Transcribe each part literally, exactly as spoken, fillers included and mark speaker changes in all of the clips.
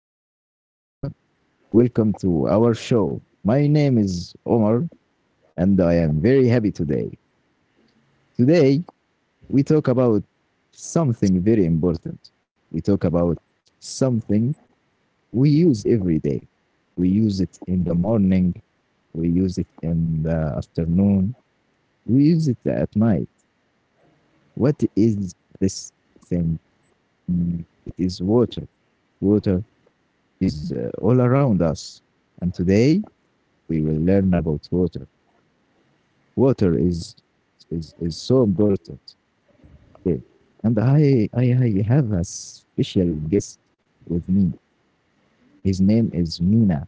Speaker 1: Hello and welcome. Welcome to our show. My name is Omar and I am very happy today. Today, we talk about something very important. We talk about something we use every day. We use it in the morning, we use it in the afternoon, we use it at night. What is this thing? Mm, It is water. Water is uh, all around us. And today, we will learn about water. Water is is is so important. Okay. And I I I have a special guest with me. His name is Mina.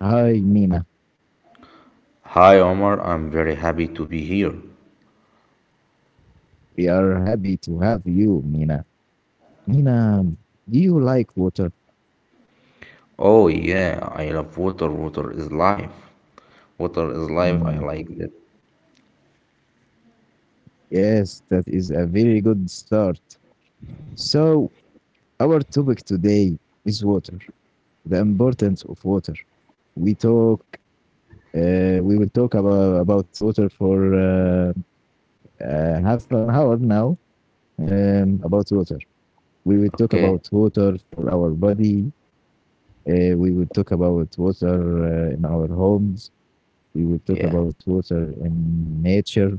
Speaker 1: Hi Mina.
Speaker 2: Hi Omar, I'm very happy to be here.
Speaker 1: We are happy to have you, Mina. Mina, do you like water?
Speaker 2: Oh yeah, I love water. Water is life. Water is life. I
Speaker 1: Mm,
Speaker 2: like that.
Speaker 1: yes, that is a very good start. So our topic today is water, the importance of water. We talk uh, we will talk about about water for uh, uh, half an hour now. Um, about water. We will talk
Speaker 2: Okay.
Speaker 1: about water for our body. Uh, we will talk about water uh, in our homes. We will talk
Speaker 2: Yeah.
Speaker 1: about water in nature.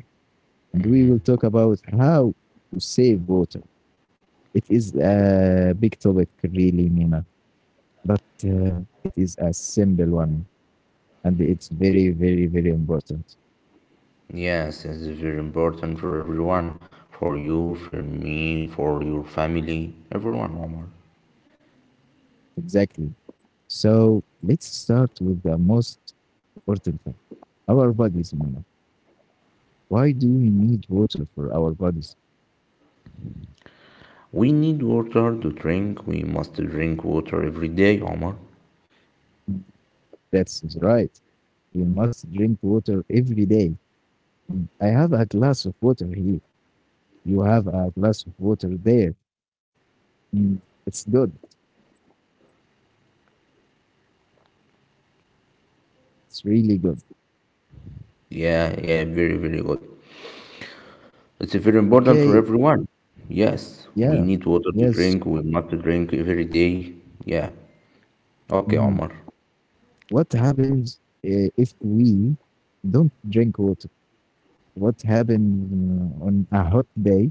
Speaker 1: And we will talk about how to save water. It is a big topic, really, Nina, but um, it is a simple one. And it's very, very, very important.
Speaker 2: Yes, it's very important for everyone, for you, for me, for your family, everyone, Omar.
Speaker 1: Exactly. So let's start with the most important thing, our bodies, Nina. Why do we need water for our bodies?
Speaker 2: We need water to drink. We must drink water every day, Omar.
Speaker 1: That's right. We must drink water every day. Mm, I have a glass of water here. You have a glass of water there. Mm, it's good. It's really good.
Speaker 2: Yeah, yeah, very, very good. It's very important for
Speaker 1: Okay.
Speaker 2: everyone. Yes, we
Speaker 1: Yeah.
Speaker 2: need water to
Speaker 1: Yes.
Speaker 2: drink. We must drink every day. Yeah. Okay,
Speaker 1: Mhm.
Speaker 2: Omar.
Speaker 1: What happens uh, if we don't drink water? What happens uh, on a hot day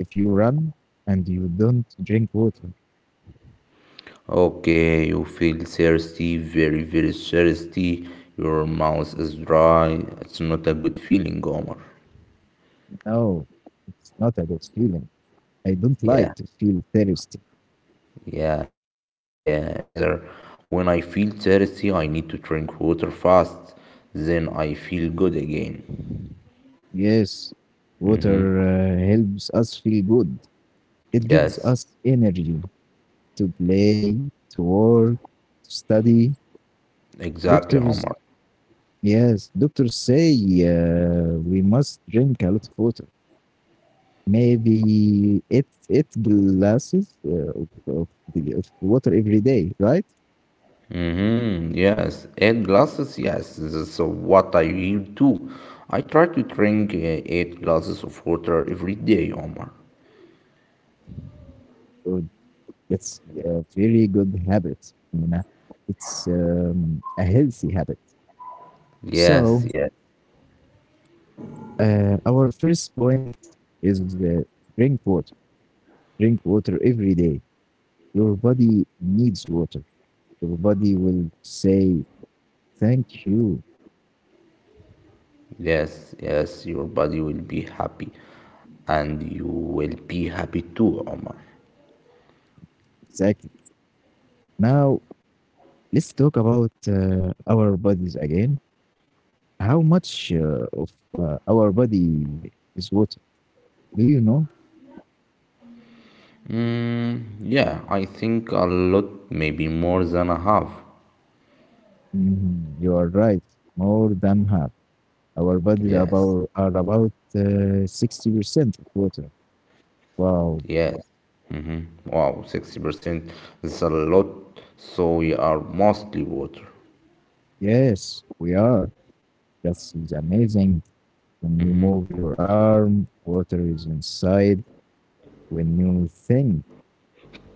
Speaker 1: if you run and you don't drink water?
Speaker 2: Okay, you feel thirsty, very, very thirsty. Your mouth is dry. It's not a good feeling, Omar.
Speaker 1: No, it's not a good feeling. I don't
Speaker 2: Yeah,
Speaker 1: like to feel thirsty.
Speaker 2: yeah, yeah, me neither. When I feel thirsty, I need to drink water fast. Then I feel good again.
Speaker 1: Yes, water uh, helps us feel good. It gives
Speaker 2: Yes,
Speaker 1: us energy to play, to work, to study.
Speaker 2: exactly,
Speaker 1: Doctors,
Speaker 2: Omar.
Speaker 1: yes, doctors say uh, we must drink a lot of water. Maybe eight, eight glasses uh, of, of, the, of water every day, right?
Speaker 2: Mm-hmm, yes, eight glasses, yes, this is what I hear too. I try to drink uh, eight glasses of water every day, Omar.
Speaker 1: So that's a very good habit. You know? It's um, a healthy habit. So,
Speaker 2: Yes, yes.
Speaker 1: Uh, our first point is uh, drink water. Drink water every day. Your body needs water. Your body will say thank you.
Speaker 2: Yes, yes, your body will be happy and you will be happy too, Omar.
Speaker 1: Exactly. Now let's talk about uh, our bodies again. How much uh, of uh, our body is water? Do you know?
Speaker 2: Yeah, I think a lot, maybe more than a half.
Speaker 1: Mhm, you are right. More than half. Our bodies
Speaker 2: Yes,
Speaker 1: about are about uh, sixty percent of water. Wow.
Speaker 2: yes. Hmm. Wow, sixty percent is a lot, so we are mostly water.
Speaker 1: Yes, we are. That's amazing. When you move your arm, water is inside. When you think,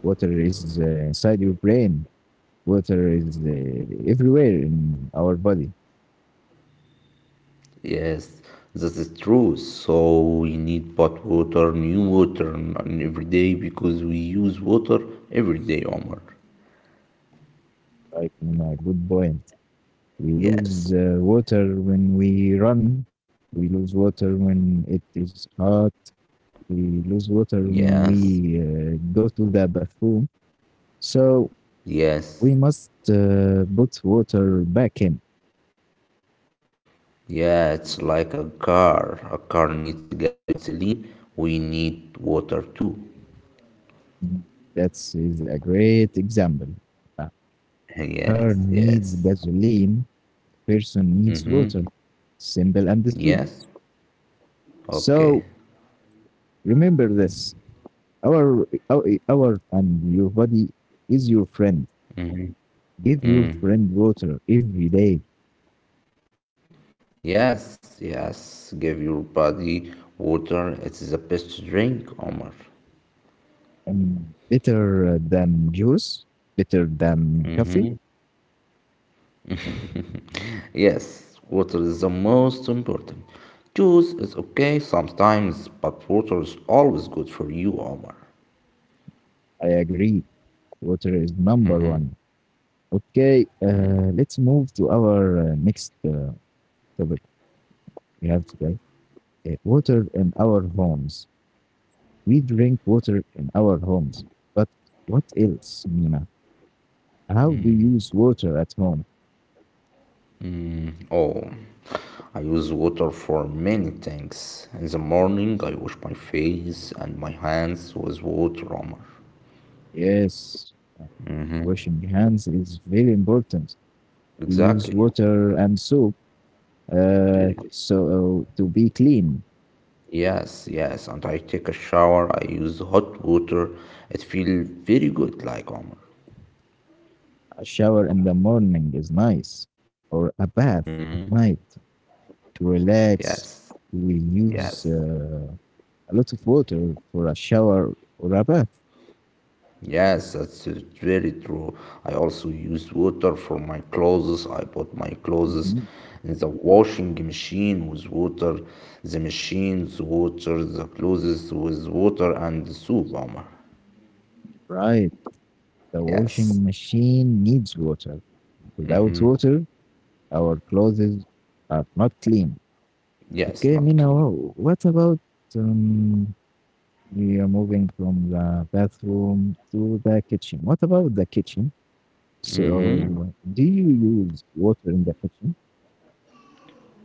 Speaker 1: water is uh, inside your brain. Water is uh, everywhere in our body.
Speaker 2: Yes, this is true. So we need pot water, new water and every day because we use water every day, Omar.
Speaker 1: Right, you know, a good point. We lose
Speaker 2: Yes,
Speaker 1: uh, water when we run. We lose water when it is hot. We lose water when
Speaker 2: yes,
Speaker 1: we uh, go to the bathroom. So
Speaker 2: yes.
Speaker 1: we must uh, put water back in.
Speaker 2: Yeah, it's like a car. A car needs gasoline. We need water too.
Speaker 1: Mm, That's is a great example. A car
Speaker 2: Yes,
Speaker 1: needs
Speaker 2: yes,
Speaker 1: gasoline, a person needs water. Simple and true.
Speaker 2: yes.
Speaker 1: So
Speaker 2: Okay.
Speaker 1: remember this. Our, our, our and Your body is your friend. Give your friend water every day.
Speaker 2: Yes, yes. Give your body water. It is the best drink, Omar.
Speaker 1: Um, better than juice, better than coffee.
Speaker 2: Yes, water is the most important. Juice is okay sometimes, but water is always good for you, Omar.
Speaker 1: I agree. Water is number one. Okay, uh, let's move to our uh, next uh, topic we have today. Uh, water in our homes. We drink water in our homes. But what else, Mina? How do you use water at home?
Speaker 2: Oh, I use water for many things. In the morning, I wash my face and my hands with water, Omar.
Speaker 1: Yes, uh, washing hands is very important. We
Speaker 2: Exactly.
Speaker 1: use water and soap
Speaker 2: Very
Speaker 1: uh,
Speaker 2: good.
Speaker 1: so uh, to be clean.
Speaker 2: Yes, yes. And I take a shower. I use hot water. It feels very good, like Omar.
Speaker 1: A shower in the morning is nice, or a bath at night to
Speaker 2: Yes,
Speaker 1: relax. We
Speaker 2: yes.
Speaker 1: use uh, a lot of water for a shower or a bath.
Speaker 2: Yes, that's uh, very true. I also use water for my clothes. I put my clothes
Speaker 1: Mhm.
Speaker 2: in the washing machine with water, the machines water, the clothes with water and the soap, Omar.
Speaker 1: Right. The washing
Speaker 2: Yes,
Speaker 1: machine needs water. Without water, our clothes are not clean.
Speaker 2: yes,
Speaker 1: Okay,
Speaker 2: not
Speaker 1: Mina,
Speaker 2: clean.
Speaker 1: wh- what about um, we are moving from the bathroom to the kitchen? What about the kitchen? So, do you use water in the kitchen?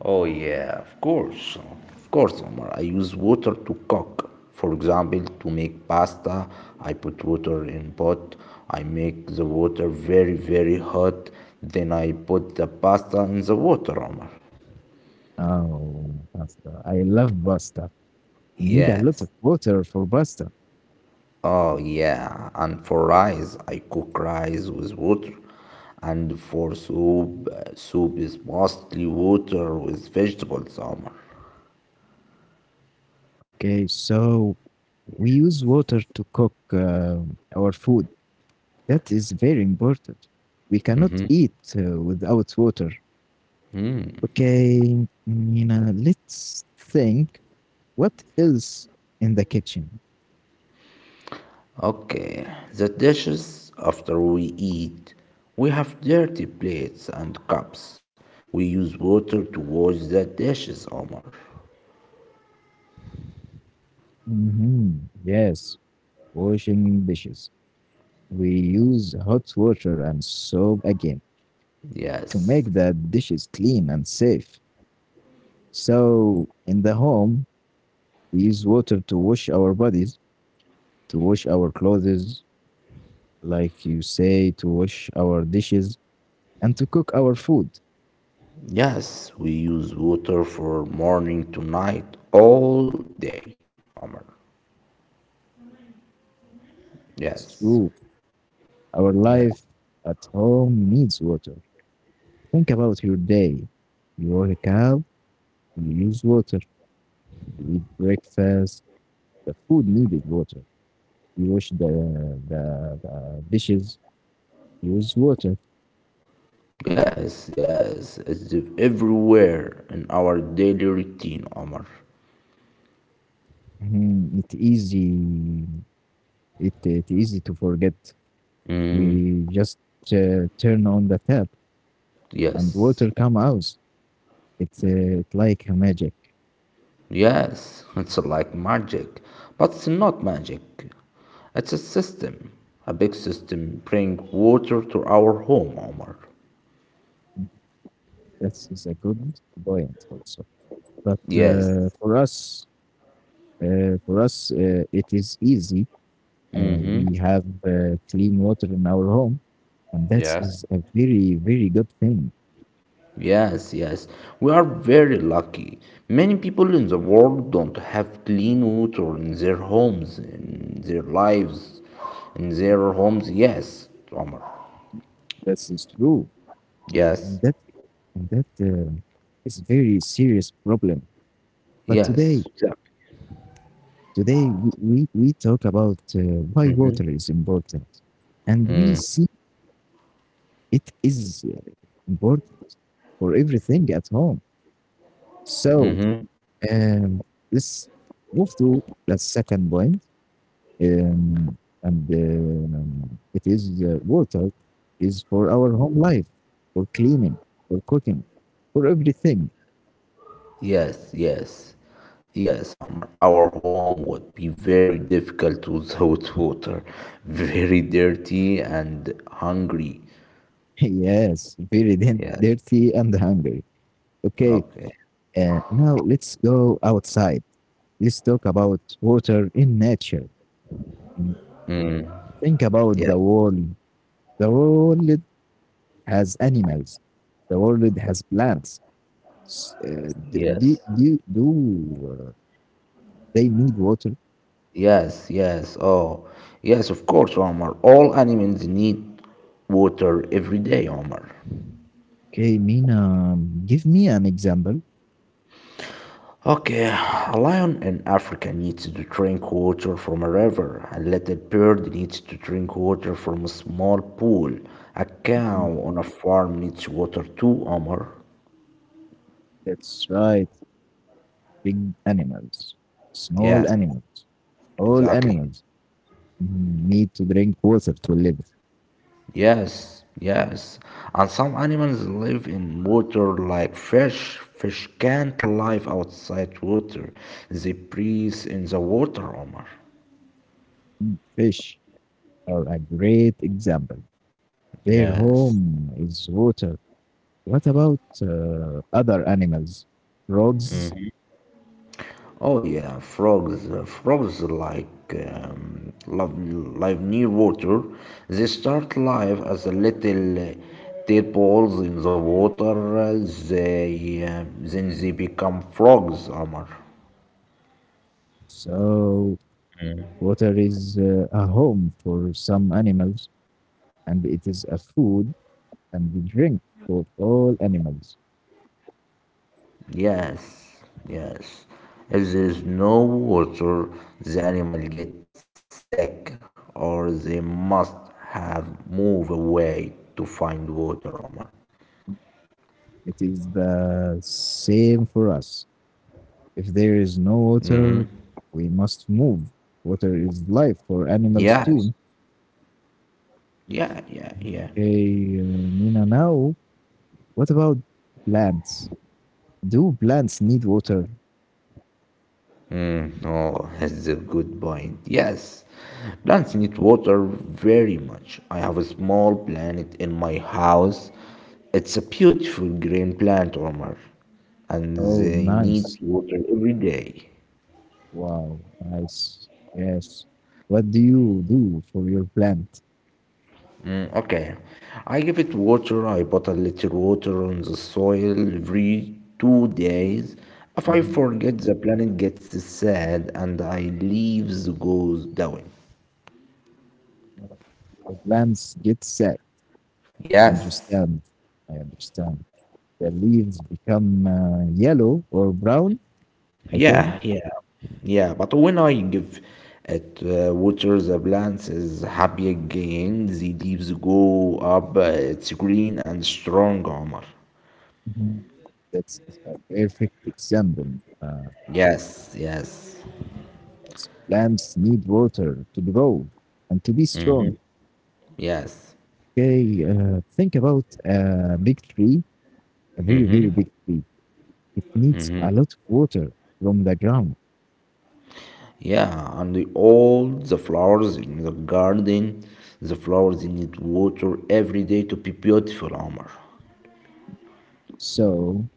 Speaker 2: Oh yeah, of course, huh? Of course, Omar. I use water to cook. For example, to make pasta, I put water in pot. I make the water very very hot. Then I put the pasta in the water, Omar.
Speaker 1: Oh, pasta. I love pasta. You need a
Speaker 2: Yes.
Speaker 1: lot of water for pasta.
Speaker 2: Oh yeah, and for rice, I cook rice with water. And for soup, uh, soup is mostly water with vegetables, Omar.
Speaker 1: Okay, so we use water to cook uh, our food. That is very important. We cannot eat uh, without water. Okay, Nina, let's think what else in the kitchen?
Speaker 2: Okay, the dishes after we eat. We have dirty plates and cups. We use water to wash the dishes, Omar.
Speaker 1: Hmm. Yes, washing dishes. We use hot water and soap again to make
Speaker 2: Yes,
Speaker 1: the dishes clean and safe. So, in the home, we use water to wash our bodies, to wash our clothes, like you say, to wash our dishes, and to cook our food.
Speaker 2: yes, we use water for morning to night, all day, Omar.
Speaker 1: It's
Speaker 2: Yes,
Speaker 1: true. Our life
Speaker 2: yes,
Speaker 1: at home needs water. Think about your day. You wake up, you use water, you eat breakfast. The food needed water. You wash the the, the dishes, use water.
Speaker 2: yes, yes. It's everywhere in our daily routine, Omar.
Speaker 1: Mhm, it easy. It it easy to forget. We just uh, turn on the tap and water
Speaker 2: Yes.
Speaker 1: come out. It's uh, it like a magic.
Speaker 2: Yes, it's like magic, but it's not magic. It's a system, a big system bring water to our home, Omar.
Speaker 1: That is a good point also. But
Speaker 2: Yes,
Speaker 1: uh, for us, Uh, for us, uh, it is easy. Uh, we have uh, clean water in our home, and that is
Speaker 2: yes.
Speaker 1: a very, very good thing.
Speaker 2: Yes, yes. We are very lucky. Many people in the world don't have clean water in their homes, in their lives, in their homes. Yes, Omar.
Speaker 1: That is true,
Speaker 2: Yes,
Speaker 1: and that and that uh, is very serious problem. But
Speaker 2: yes.
Speaker 1: today, today we we, we talk about uh, why water is important, and we see it is important for everything at home. So Um, let's move to the second point, um, and um, it is uh, water is for our home life, for cleaning, for cooking, for everything.
Speaker 2: Yes, yes, yes, Omar. Our home would be very difficult without water, very dirty and hungry.
Speaker 1: yes, very din-
Speaker 2: Yes,
Speaker 1: dirty and hungry. Okay,
Speaker 2: okay.
Speaker 1: uh, now let's go outside. Let's talk about water in nature. Mm, think about
Speaker 2: Yes,
Speaker 1: the world. The world has animals. The world has plants. S- uh, d-
Speaker 2: yes,
Speaker 1: do do do uh, they need water?
Speaker 2: yes, yes. Oh, yes, of course, Omar. All animals need water every day, Omar.
Speaker 1: Okay, Mina, um, give me an example.
Speaker 2: Okay, a lion in Africa needs to drink water from a river. A little bird needs to drink water from a small pool. A cow
Speaker 1: Mm,
Speaker 2: on a farm needs water too, Omar.
Speaker 1: that's right. Big animals, small
Speaker 2: Yes,
Speaker 1: animals, all
Speaker 2: exactly.
Speaker 1: animals mm, need to drink water to live.
Speaker 2: Yes, yes. And some animals live in water like fish. Fish can't live outside water. They breathe in the water, Omar.
Speaker 1: Fish are a great example. Their
Speaker 2: Yes.
Speaker 1: home is water. What about uh, other animals? Frogs?
Speaker 2: Oh yeah, frogs. uh, Frogs like um, love live near water. They start life as a little uh, tadpoles in the water. Uh, They uh, then they become frogs. Amar.
Speaker 1: So, water is uh, a home for some animals and it is a food and we drink for all animals.
Speaker 2: Yes, yes. If there is no water, the animal gets sick, or they must have move away to find water. Amar.
Speaker 1: It is the same for us. If there is no water, we must move. Water is life for animals
Speaker 2: Yes.
Speaker 1: too.
Speaker 2: Yeah. Yeah. Yeah. Yeah.
Speaker 1: Hey, uh, Mina, now what about plants? Do plants need water?
Speaker 2: Oh, that's a good point. Yes, plants need water very much. I have a small plant in my house. It's a beautiful green plant, Omar, and
Speaker 1: Oh,
Speaker 2: they need
Speaker 1: nice.
Speaker 2: water every day.
Speaker 1: Wow, nice. Yes. What do you do for your plant?
Speaker 2: Mm, Okay, I give it water. I put a little water on the soil every two days. If I
Speaker 1: Mhm.
Speaker 2: forget, the plant gets sad and I leaves goes down.
Speaker 1: The plants get sad. I
Speaker 2: Yes,
Speaker 1: understand. I understand. The leaves become uh, yellow or brown, I think.
Speaker 2: yeah, yeah, yeah. But when I give it uh, water, the plants is happy again. The leaves go up. uh, It's green and strong, Omar.
Speaker 1: Mhm. That's a perfect example. Uh,
Speaker 2: Yes, yes,
Speaker 1: as plants need water to grow and to be strong.
Speaker 2: yes.
Speaker 1: Okay, uh, think about a big tree, a very, very big tree. It needs a lot of water from the ground.
Speaker 2: Yeah, and the, all the flowers in the garden, the flowers need water every day to be beautiful, Omar.
Speaker 1: So,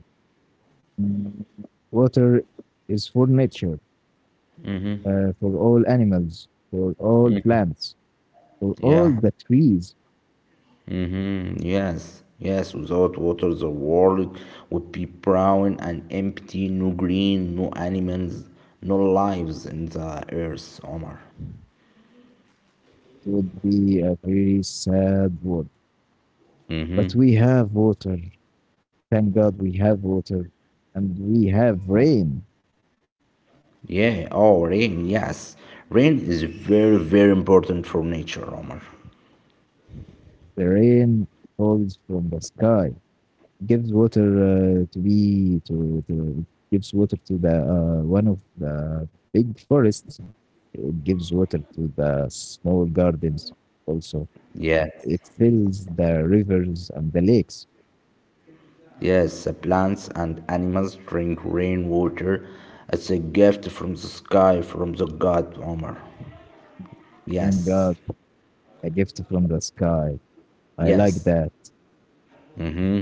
Speaker 1: mm, water is for nature, uh, for all animals, for all plants, for all
Speaker 2: Yeah.
Speaker 1: the trees.
Speaker 2: Mm, yes, yes, without water, the world would be brown and empty, no green, no animals, no lives in the earth, Omar.
Speaker 1: Would be a very sad world. But we have water. Thank God we have water. And we have rain.
Speaker 2: Yeah, oh, rain, yes. Rain is very, very important for nature, Omar.
Speaker 1: The rain falls from the sky, gives water uh, to be, to, to, gives water to the uh, one of the big forests. It gives water to the small gardens also. It, it
Speaker 2: Yes,
Speaker 1: fills the rivers and the lakes.
Speaker 2: yes, the plants and animals drink rainwater. as a gift from the sky, from the god, Omar.
Speaker 1: Thank God,
Speaker 2: Yes,
Speaker 1: a gift from the sky. I like that.
Speaker 2: yes,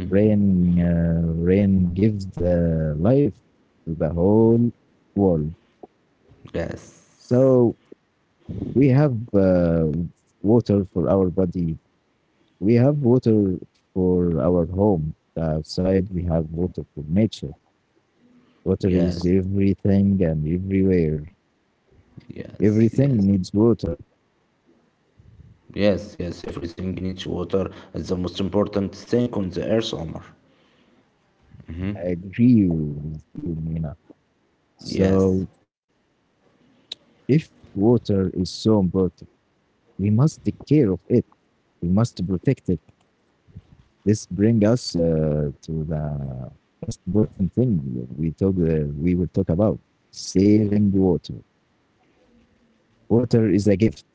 Speaker 1: Rain, uh, rain gives the life to the whole world.
Speaker 2: yes,
Speaker 1: So we have uh, water for our body. We have water for our home, the outside. We have water for nature. Water is
Speaker 2: yes,
Speaker 1: everything and everywhere.
Speaker 2: yes, yes.
Speaker 1: Everything needs water.
Speaker 2: Yes, yes, everything needs water. It's the most important thing on the earth, Omar.
Speaker 1: I agree with you, Mina.
Speaker 2: Yes,
Speaker 1: So if water is so important, we must take care of it. We must protect it. This bring us uh, to the most important thing we talk uh, we will talk about: saving water. Water is a gift,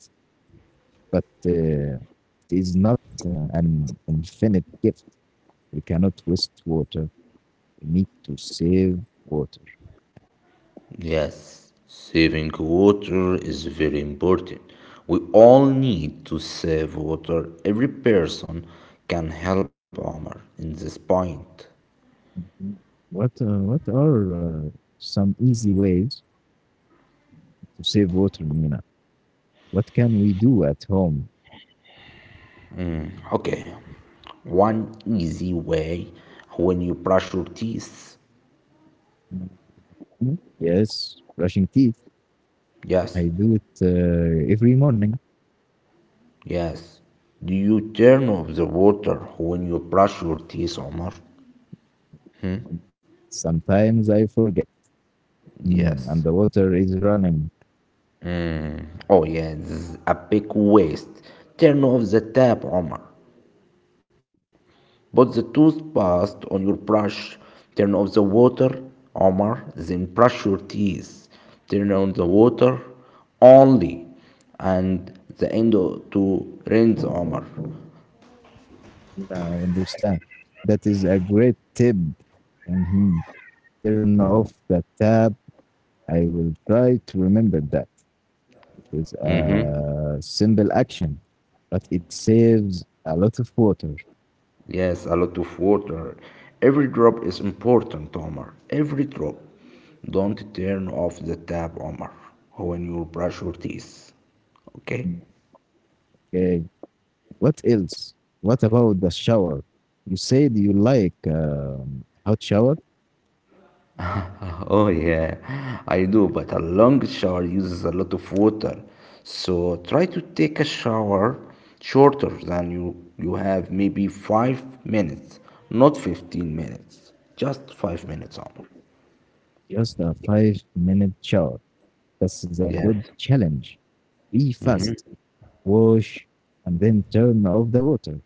Speaker 1: but uh, it is not uh, an infinite gift. We cannot waste water. We need to save water.
Speaker 2: yes. Saving water is very important. We all need to save water. Every person can help Omar in this point.
Speaker 1: What uh, what are uh, some easy ways to save water, Mina? What can we do at home?
Speaker 2: Okay, one easy way when you brush your teeth.
Speaker 1: Mhm. Yes, brushing teeth.
Speaker 2: Yes,
Speaker 1: I do it uh, every morning.
Speaker 2: yes. Do you turn off the water when you brush your teeth, Omar?
Speaker 1: Sometimes I forget, mm,
Speaker 2: Yes.
Speaker 1: and the water is running.
Speaker 2: Oh yeah, this is a big waste. Turn off the tap, Omar. Put the toothpaste on your brush. Turn off the water, Omar. Then brush your teeth. Turn on the water only, and the end o- to rinse, Omar.
Speaker 1: Yeah, I understand. That is a great tip. Mhm. Turn off the tap. I will try to remember that. It is a simple action, but it saves a lot of water.
Speaker 2: Yes, a lot of water. Every drop is important, Omar. Every drop. Don't turn off the tap, Omar, when you brush your teeth. Okay.
Speaker 1: Mm, okay. What else? What about the shower? You said you like um, hot shower?
Speaker 2: Oh yeah, I do, but a long shower uses a lot of water. So try to take a shower shorter than you you have, maybe five minutes, not fifteen minutes. Just five minutes only.
Speaker 1: Just a five minute shower. This is a
Speaker 2: Yes.
Speaker 1: good challenge. Be fast wash, and then turn off the water.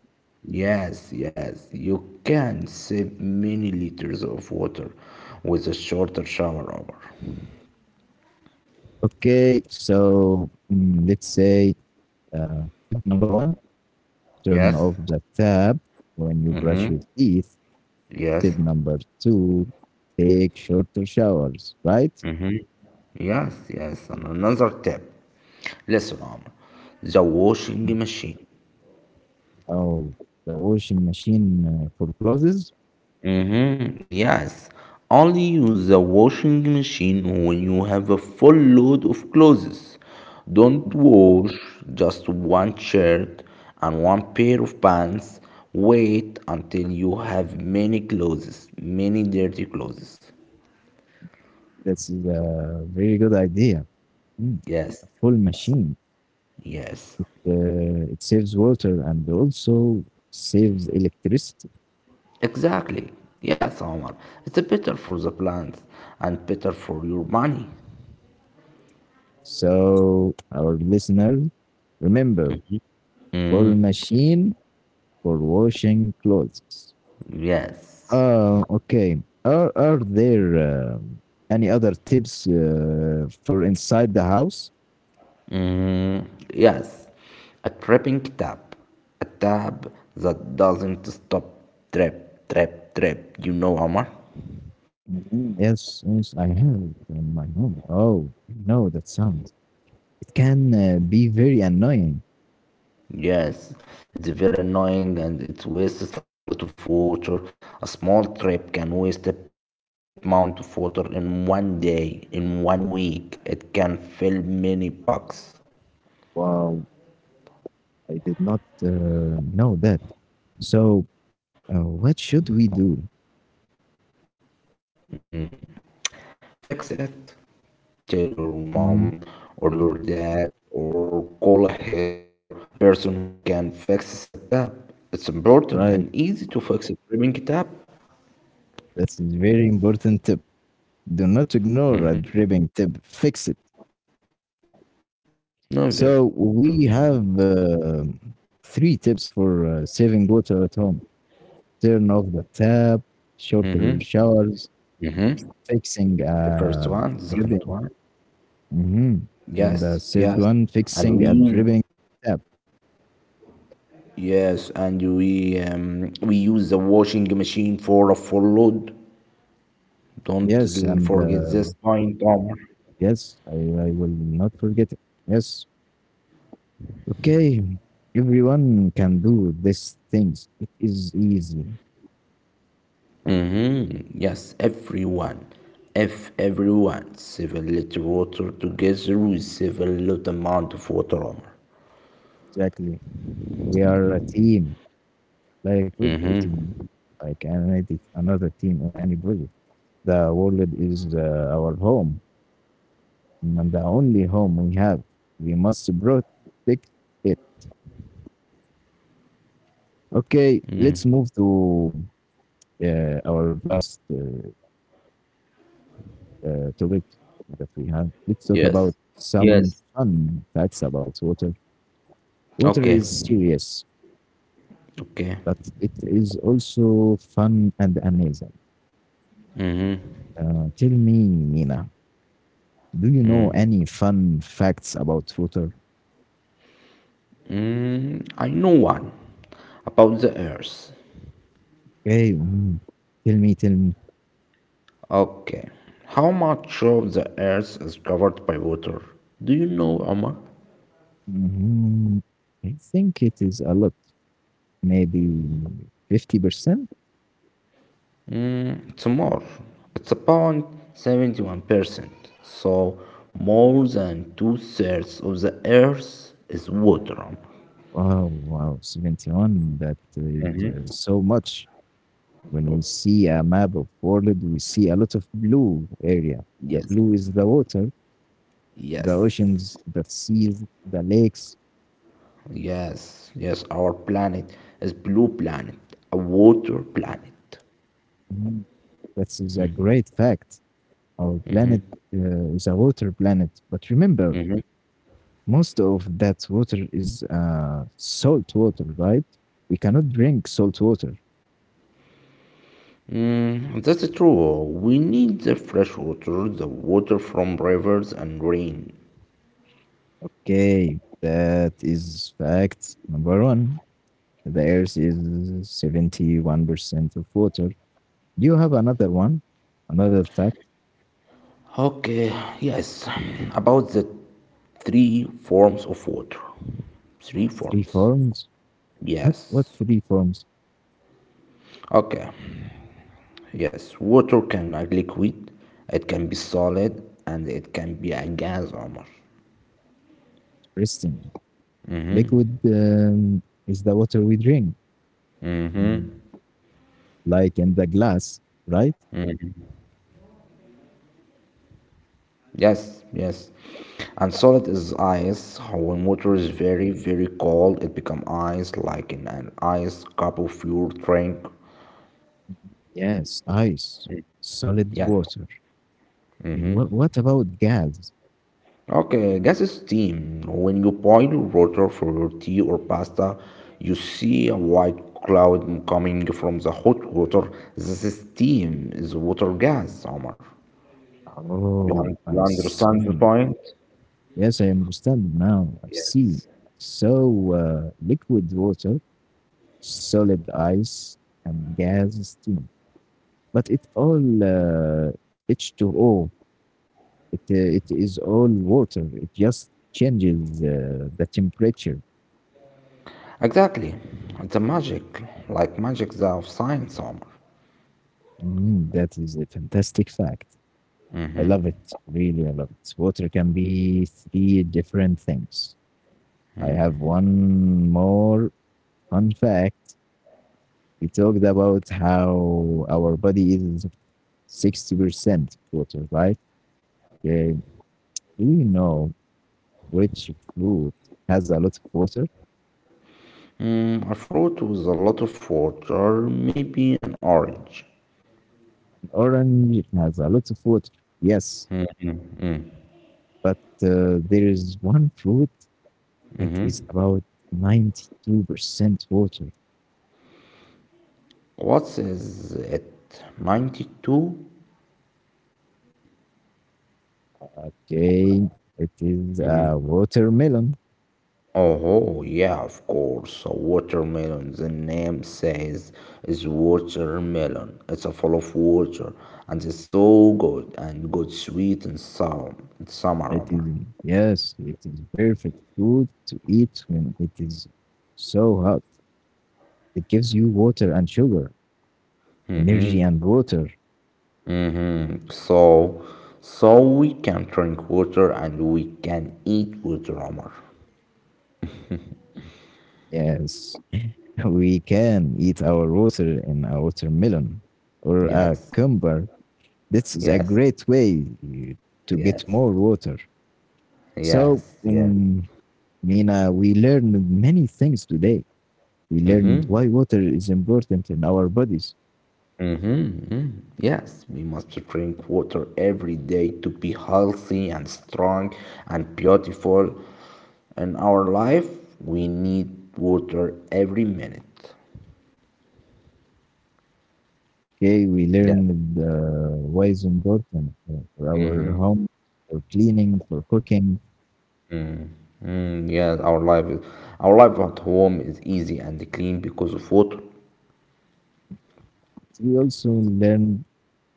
Speaker 2: Yes, yes. You can save many liters of water with a shorter shower hour.
Speaker 1: Okay, so mm, let's say uh, tip number one, turn
Speaker 2: Yes,
Speaker 1: off the tap when you brush your teeth. Tip
Speaker 2: yes,
Speaker 1: number two, take shorter showers, right?
Speaker 2: yes, yes. And another tip. Listen, Omar, the washing machine.
Speaker 1: Oh, the washing machine uh, for clothes.
Speaker 2: Mm-hmm. Yes. Only use the washing machine when you have a full load of clothes. Don't
Speaker 1: Mm,
Speaker 2: wash just one shirt and one pair of pants. Wait until you have many clothes, many dirty clothes.
Speaker 1: that's a very good idea. Mm,
Speaker 2: Yes.
Speaker 1: a full machine.
Speaker 2: Yes.
Speaker 1: Uh, it saves water and also saves electricity.
Speaker 2: Exactly. Yes, Omar. It's better for the plants and better for your money.
Speaker 1: So, our listeners, remember, full machine for washing clothes.
Speaker 2: Yes.
Speaker 1: Uh, okay. Are, are there um any other tips uh, for inside the house?
Speaker 2: Yes, a trapping tap, a tap that doesn't stop. Trap, trap, trap. You know, Omar.
Speaker 1: Mhm, yes, yes, I have it in my home. Oh, no, that sounds. It can uh, be very annoying.
Speaker 2: Yes, it's very annoying and it wastes a lot of water. A small trap can waste a big amount of water in one day, in one week. It can fill many bucks.
Speaker 1: Wow, I did not uh, know that. So, uh, what should we do?
Speaker 2: Fix it. Tell your mom
Speaker 1: Mhm,
Speaker 2: or your dad or call a helper, a person who can fix the setup. It's important
Speaker 1: right,
Speaker 2: and easy to fix it. Bring it up.
Speaker 1: that's a very important tip. Do not ignore a dripping tip. Fix it.
Speaker 2: Never, never.
Speaker 1: So we have uh, three tips for uh, saving water at home: turn off the tap, shorter showers,
Speaker 2: The
Speaker 1: fixing
Speaker 2: first one, the
Speaker 1: a
Speaker 2: second one.
Speaker 1: dripping. hmm
Speaker 2: Yes,
Speaker 1: And the
Speaker 2: yes.
Speaker 1: third one,
Speaker 2: And we
Speaker 1: fixing a
Speaker 2: use
Speaker 1: dripping tap.
Speaker 2: yes, and we um, we use the washing machine for a full load.
Speaker 1: Yes,
Speaker 2: Don't
Speaker 1: and
Speaker 2: l- forget
Speaker 1: uh,
Speaker 2: this point, Omar.
Speaker 1: yes, I, I will not forget it. Yes. Okay. Everyone can do these things. It is easy.
Speaker 2: Mhm. Yes, everyone. If everyone save a little water together, we save a lot amount of water. Omar.
Speaker 1: Exactly. We are a team, like football team, like another another team in any project. The world is uh, our home and the only home we have. We must protect it. Okay, let's move to uh, our last uh, uh, topic that we have. Let's talk
Speaker 2: Yes.
Speaker 1: about some
Speaker 2: Yes.
Speaker 1: fun facts about water. Water
Speaker 2: Okay.
Speaker 1: is serious,
Speaker 2: Okay.
Speaker 1: but it is also fun and amazing. Uh, tell me, Nina, do you know any fun facts about water?
Speaker 2: I know one about the earth.
Speaker 1: Okay. Mhm. Tell me, tell me.
Speaker 2: Okay. How much of the earth is covered by water? Do you know, Omar?
Speaker 1: Mhm. I think it is a lot, maybe fifty percent.
Speaker 2: It's more. It's about seventy-one percent. So more than two thirds of the earth is water. Omar.
Speaker 1: Wow, wow, seventy one. That is uh, so much. When we see a map of world, we see a lot of blue area. The
Speaker 2: Yes.
Speaker 1: blue is the water, the
Speaker 2: Yes,
Speaker 1: oceans, the seas, the lakes.
Speaker 2: yes, yes. Our planet is blue planet, a water planet.
Speaker 1: Mhm. That is a great fact. Our planet uh, is a water planet. But remember, most of that water is uh, salt water, right? We cannot drink salt water.
Speaker 2: Mhm, that's true. We need the fresh water, the water from rivers and rain.
Speaker 1: Okay, that is fact number one. The earth is seventy one percent of water. Do you have another one? Another fact?
Speaker 2: Okay, yes. About the three forms of water. Three
Speaker 1: Three
Speaker 2: forms.
Speaker 1: forms? What, what
Speaker 2: Yes.
Speaker 1: three forms?
Speaker 2: Okay. Yes. Water can be liquid, it can be solid, and it can be a gas, Omar.
Speaker 1: Interesting. Liquid um, is the water we drink, mm, like in the glass, right?
Speaker 2: Yes, yes. And solid is ice. When water is very, very cold, it become ice like in an ice cup of your drink.
Speaker 1: Yes, ice, solid
Speaker 2: Yes.
Speaker 1: water. And What, what about gas?
Speaker 2: Okay, gas is steam. When you boil water for your tea or pasta, you see a white cloud coming from the hot water. This is steam, is water gas, Omar. You,
Speaker 1: Oh,
Speaker 2: un- you
Speaker 1: I
Speaker 2: understand the
Speaker 1: see.
Speaker 2: point?
Speaker 1: Yes, I understand now. I see.
Speaker 2: Yes.
Speaker 1: So, uh, liquid water, solid ice, and gas steam. But it all uh, H two O. It uh, it is all water. It just changes uh, the temperature.
Speaker 2: Exactly. It's a magic, like magic of science, Omar.
Speaker 1: Mm, that is a fantastic fact. I love it. Really, I love it. Water can be three different things. I have one more fun fact. We talked about how our body is sixty percent water, right? Yeah. Do you know which fruit has a lot of water?
Speaker 2: Mm, a fruit with a lot of water, maybe an orange.
Speaker 1: Orange has a lot of water. Yes, but uh, there is one fruit that is about ninety two percent water.
Speaker 2: What is it? ninety-two?
Speaker 1: Okay, it is a watermelon.
Speaker 2: Oh, yeah, of course. A watermelon. The name says is watermelon. It's a full of water and it's so good and good sweet and sour. It's summer
Speaker 1: It
Speaker 2: aroma.
Speaker 1: is, yes, it is perfect food to eat when it is so hot. It gives you water and sugar. Energy and water.
Speaker 2: So, so we can drink water and we can eat water armor.
Speaker 1: Yes, we can eat our water in a watermelon or a
Speaker 2: Yes,
Speaker 1: cucumber. This is a
Speaker 2: yes,
Speaker 1: great way uh, to get
Speaker 2: yes,
Speaker 1: more water. So,
Speaker 2: yes, yes.
Speaker 1: um, Mina, we learned many things today. We learned why water is important in our bodies.
Speaker 2: Yes, we must drink water every day to be healthy and strong and beautiful. In our life, we need water every minute.
Speaker 1: Okay, we
Speaker 2: Yes,
Speaker 1: learned uh, why it's important uh, for our home, for cleaning, for cooking.
Speaker 2: mm, yes, our life is, our life at home is easy and clean because of water.
Speaker 1: We also learned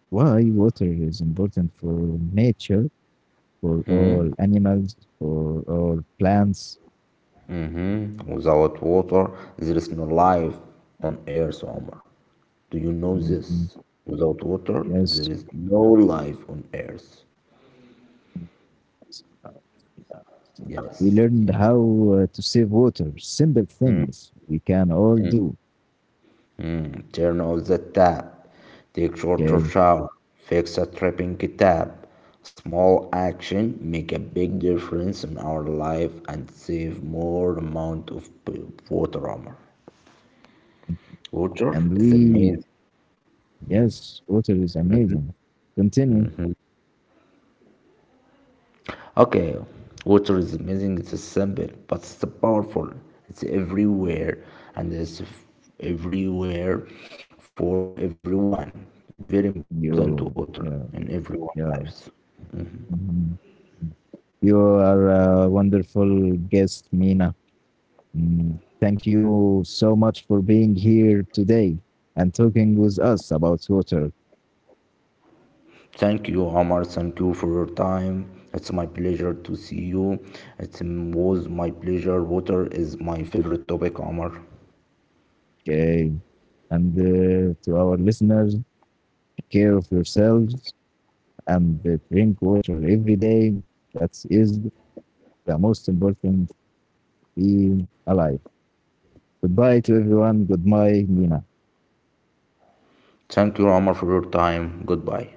Speaker 1: why water is important for nature, for all animals, for all plants.
Speaker 2: Without water, there is no life on Earth, Omar. Do you know
Speaker 1: Mhm.
Speaker 2: this? Without water, there
Speaker 1: Yes.
Speaker 2: is no life on Earth.
Speaker 1: Yes. Uh, uh, We
Speaker 2: Yes,
Speaker 1: learned
Speaker 2: yes.
Speaker 1: how uh, to save water, simple things we can all do.
Speaker 2: Turn off the tap. Take shorter
Speaker 1: Okay.
Speaker 2: shower. Fix a tripping tap. Small action make a big difference in our life and save more amount of p- water armor. Water
Speaker 1: And
Speaker 2: is
Speaker 1: we,
Speaker 2: amazing.
Speaker 1: yes, water is amazing. Continue.
Speaker 2: Okay, water is amazing. It's simple, but it's powerful. It's everywhere, and it's f- everywhere for everyone. Very important
Speaker 1: You,
Speaker 2: water in
Speaker 1: yeah,
Speaker 2: everyone's lives.
Speaker 1: yeah. Mhm. You are a wonderful guest, Mina. Mm, thank you so much for being here today and talking with us about water.
Speaker 2: Thank you, Omar. Thank you for your time. It's my pleasure to see you. It was my pleasure. Water is my favorite topic, Omar.
Speaker 1: Okay. And uh, to our listeners, take care of yourselves and uh, drink water every day. That is the most important being alive. Goodbye to everyone. Goodbye, Mina.
Speaker 2: Thank you, Omar, for your time. Goodbye.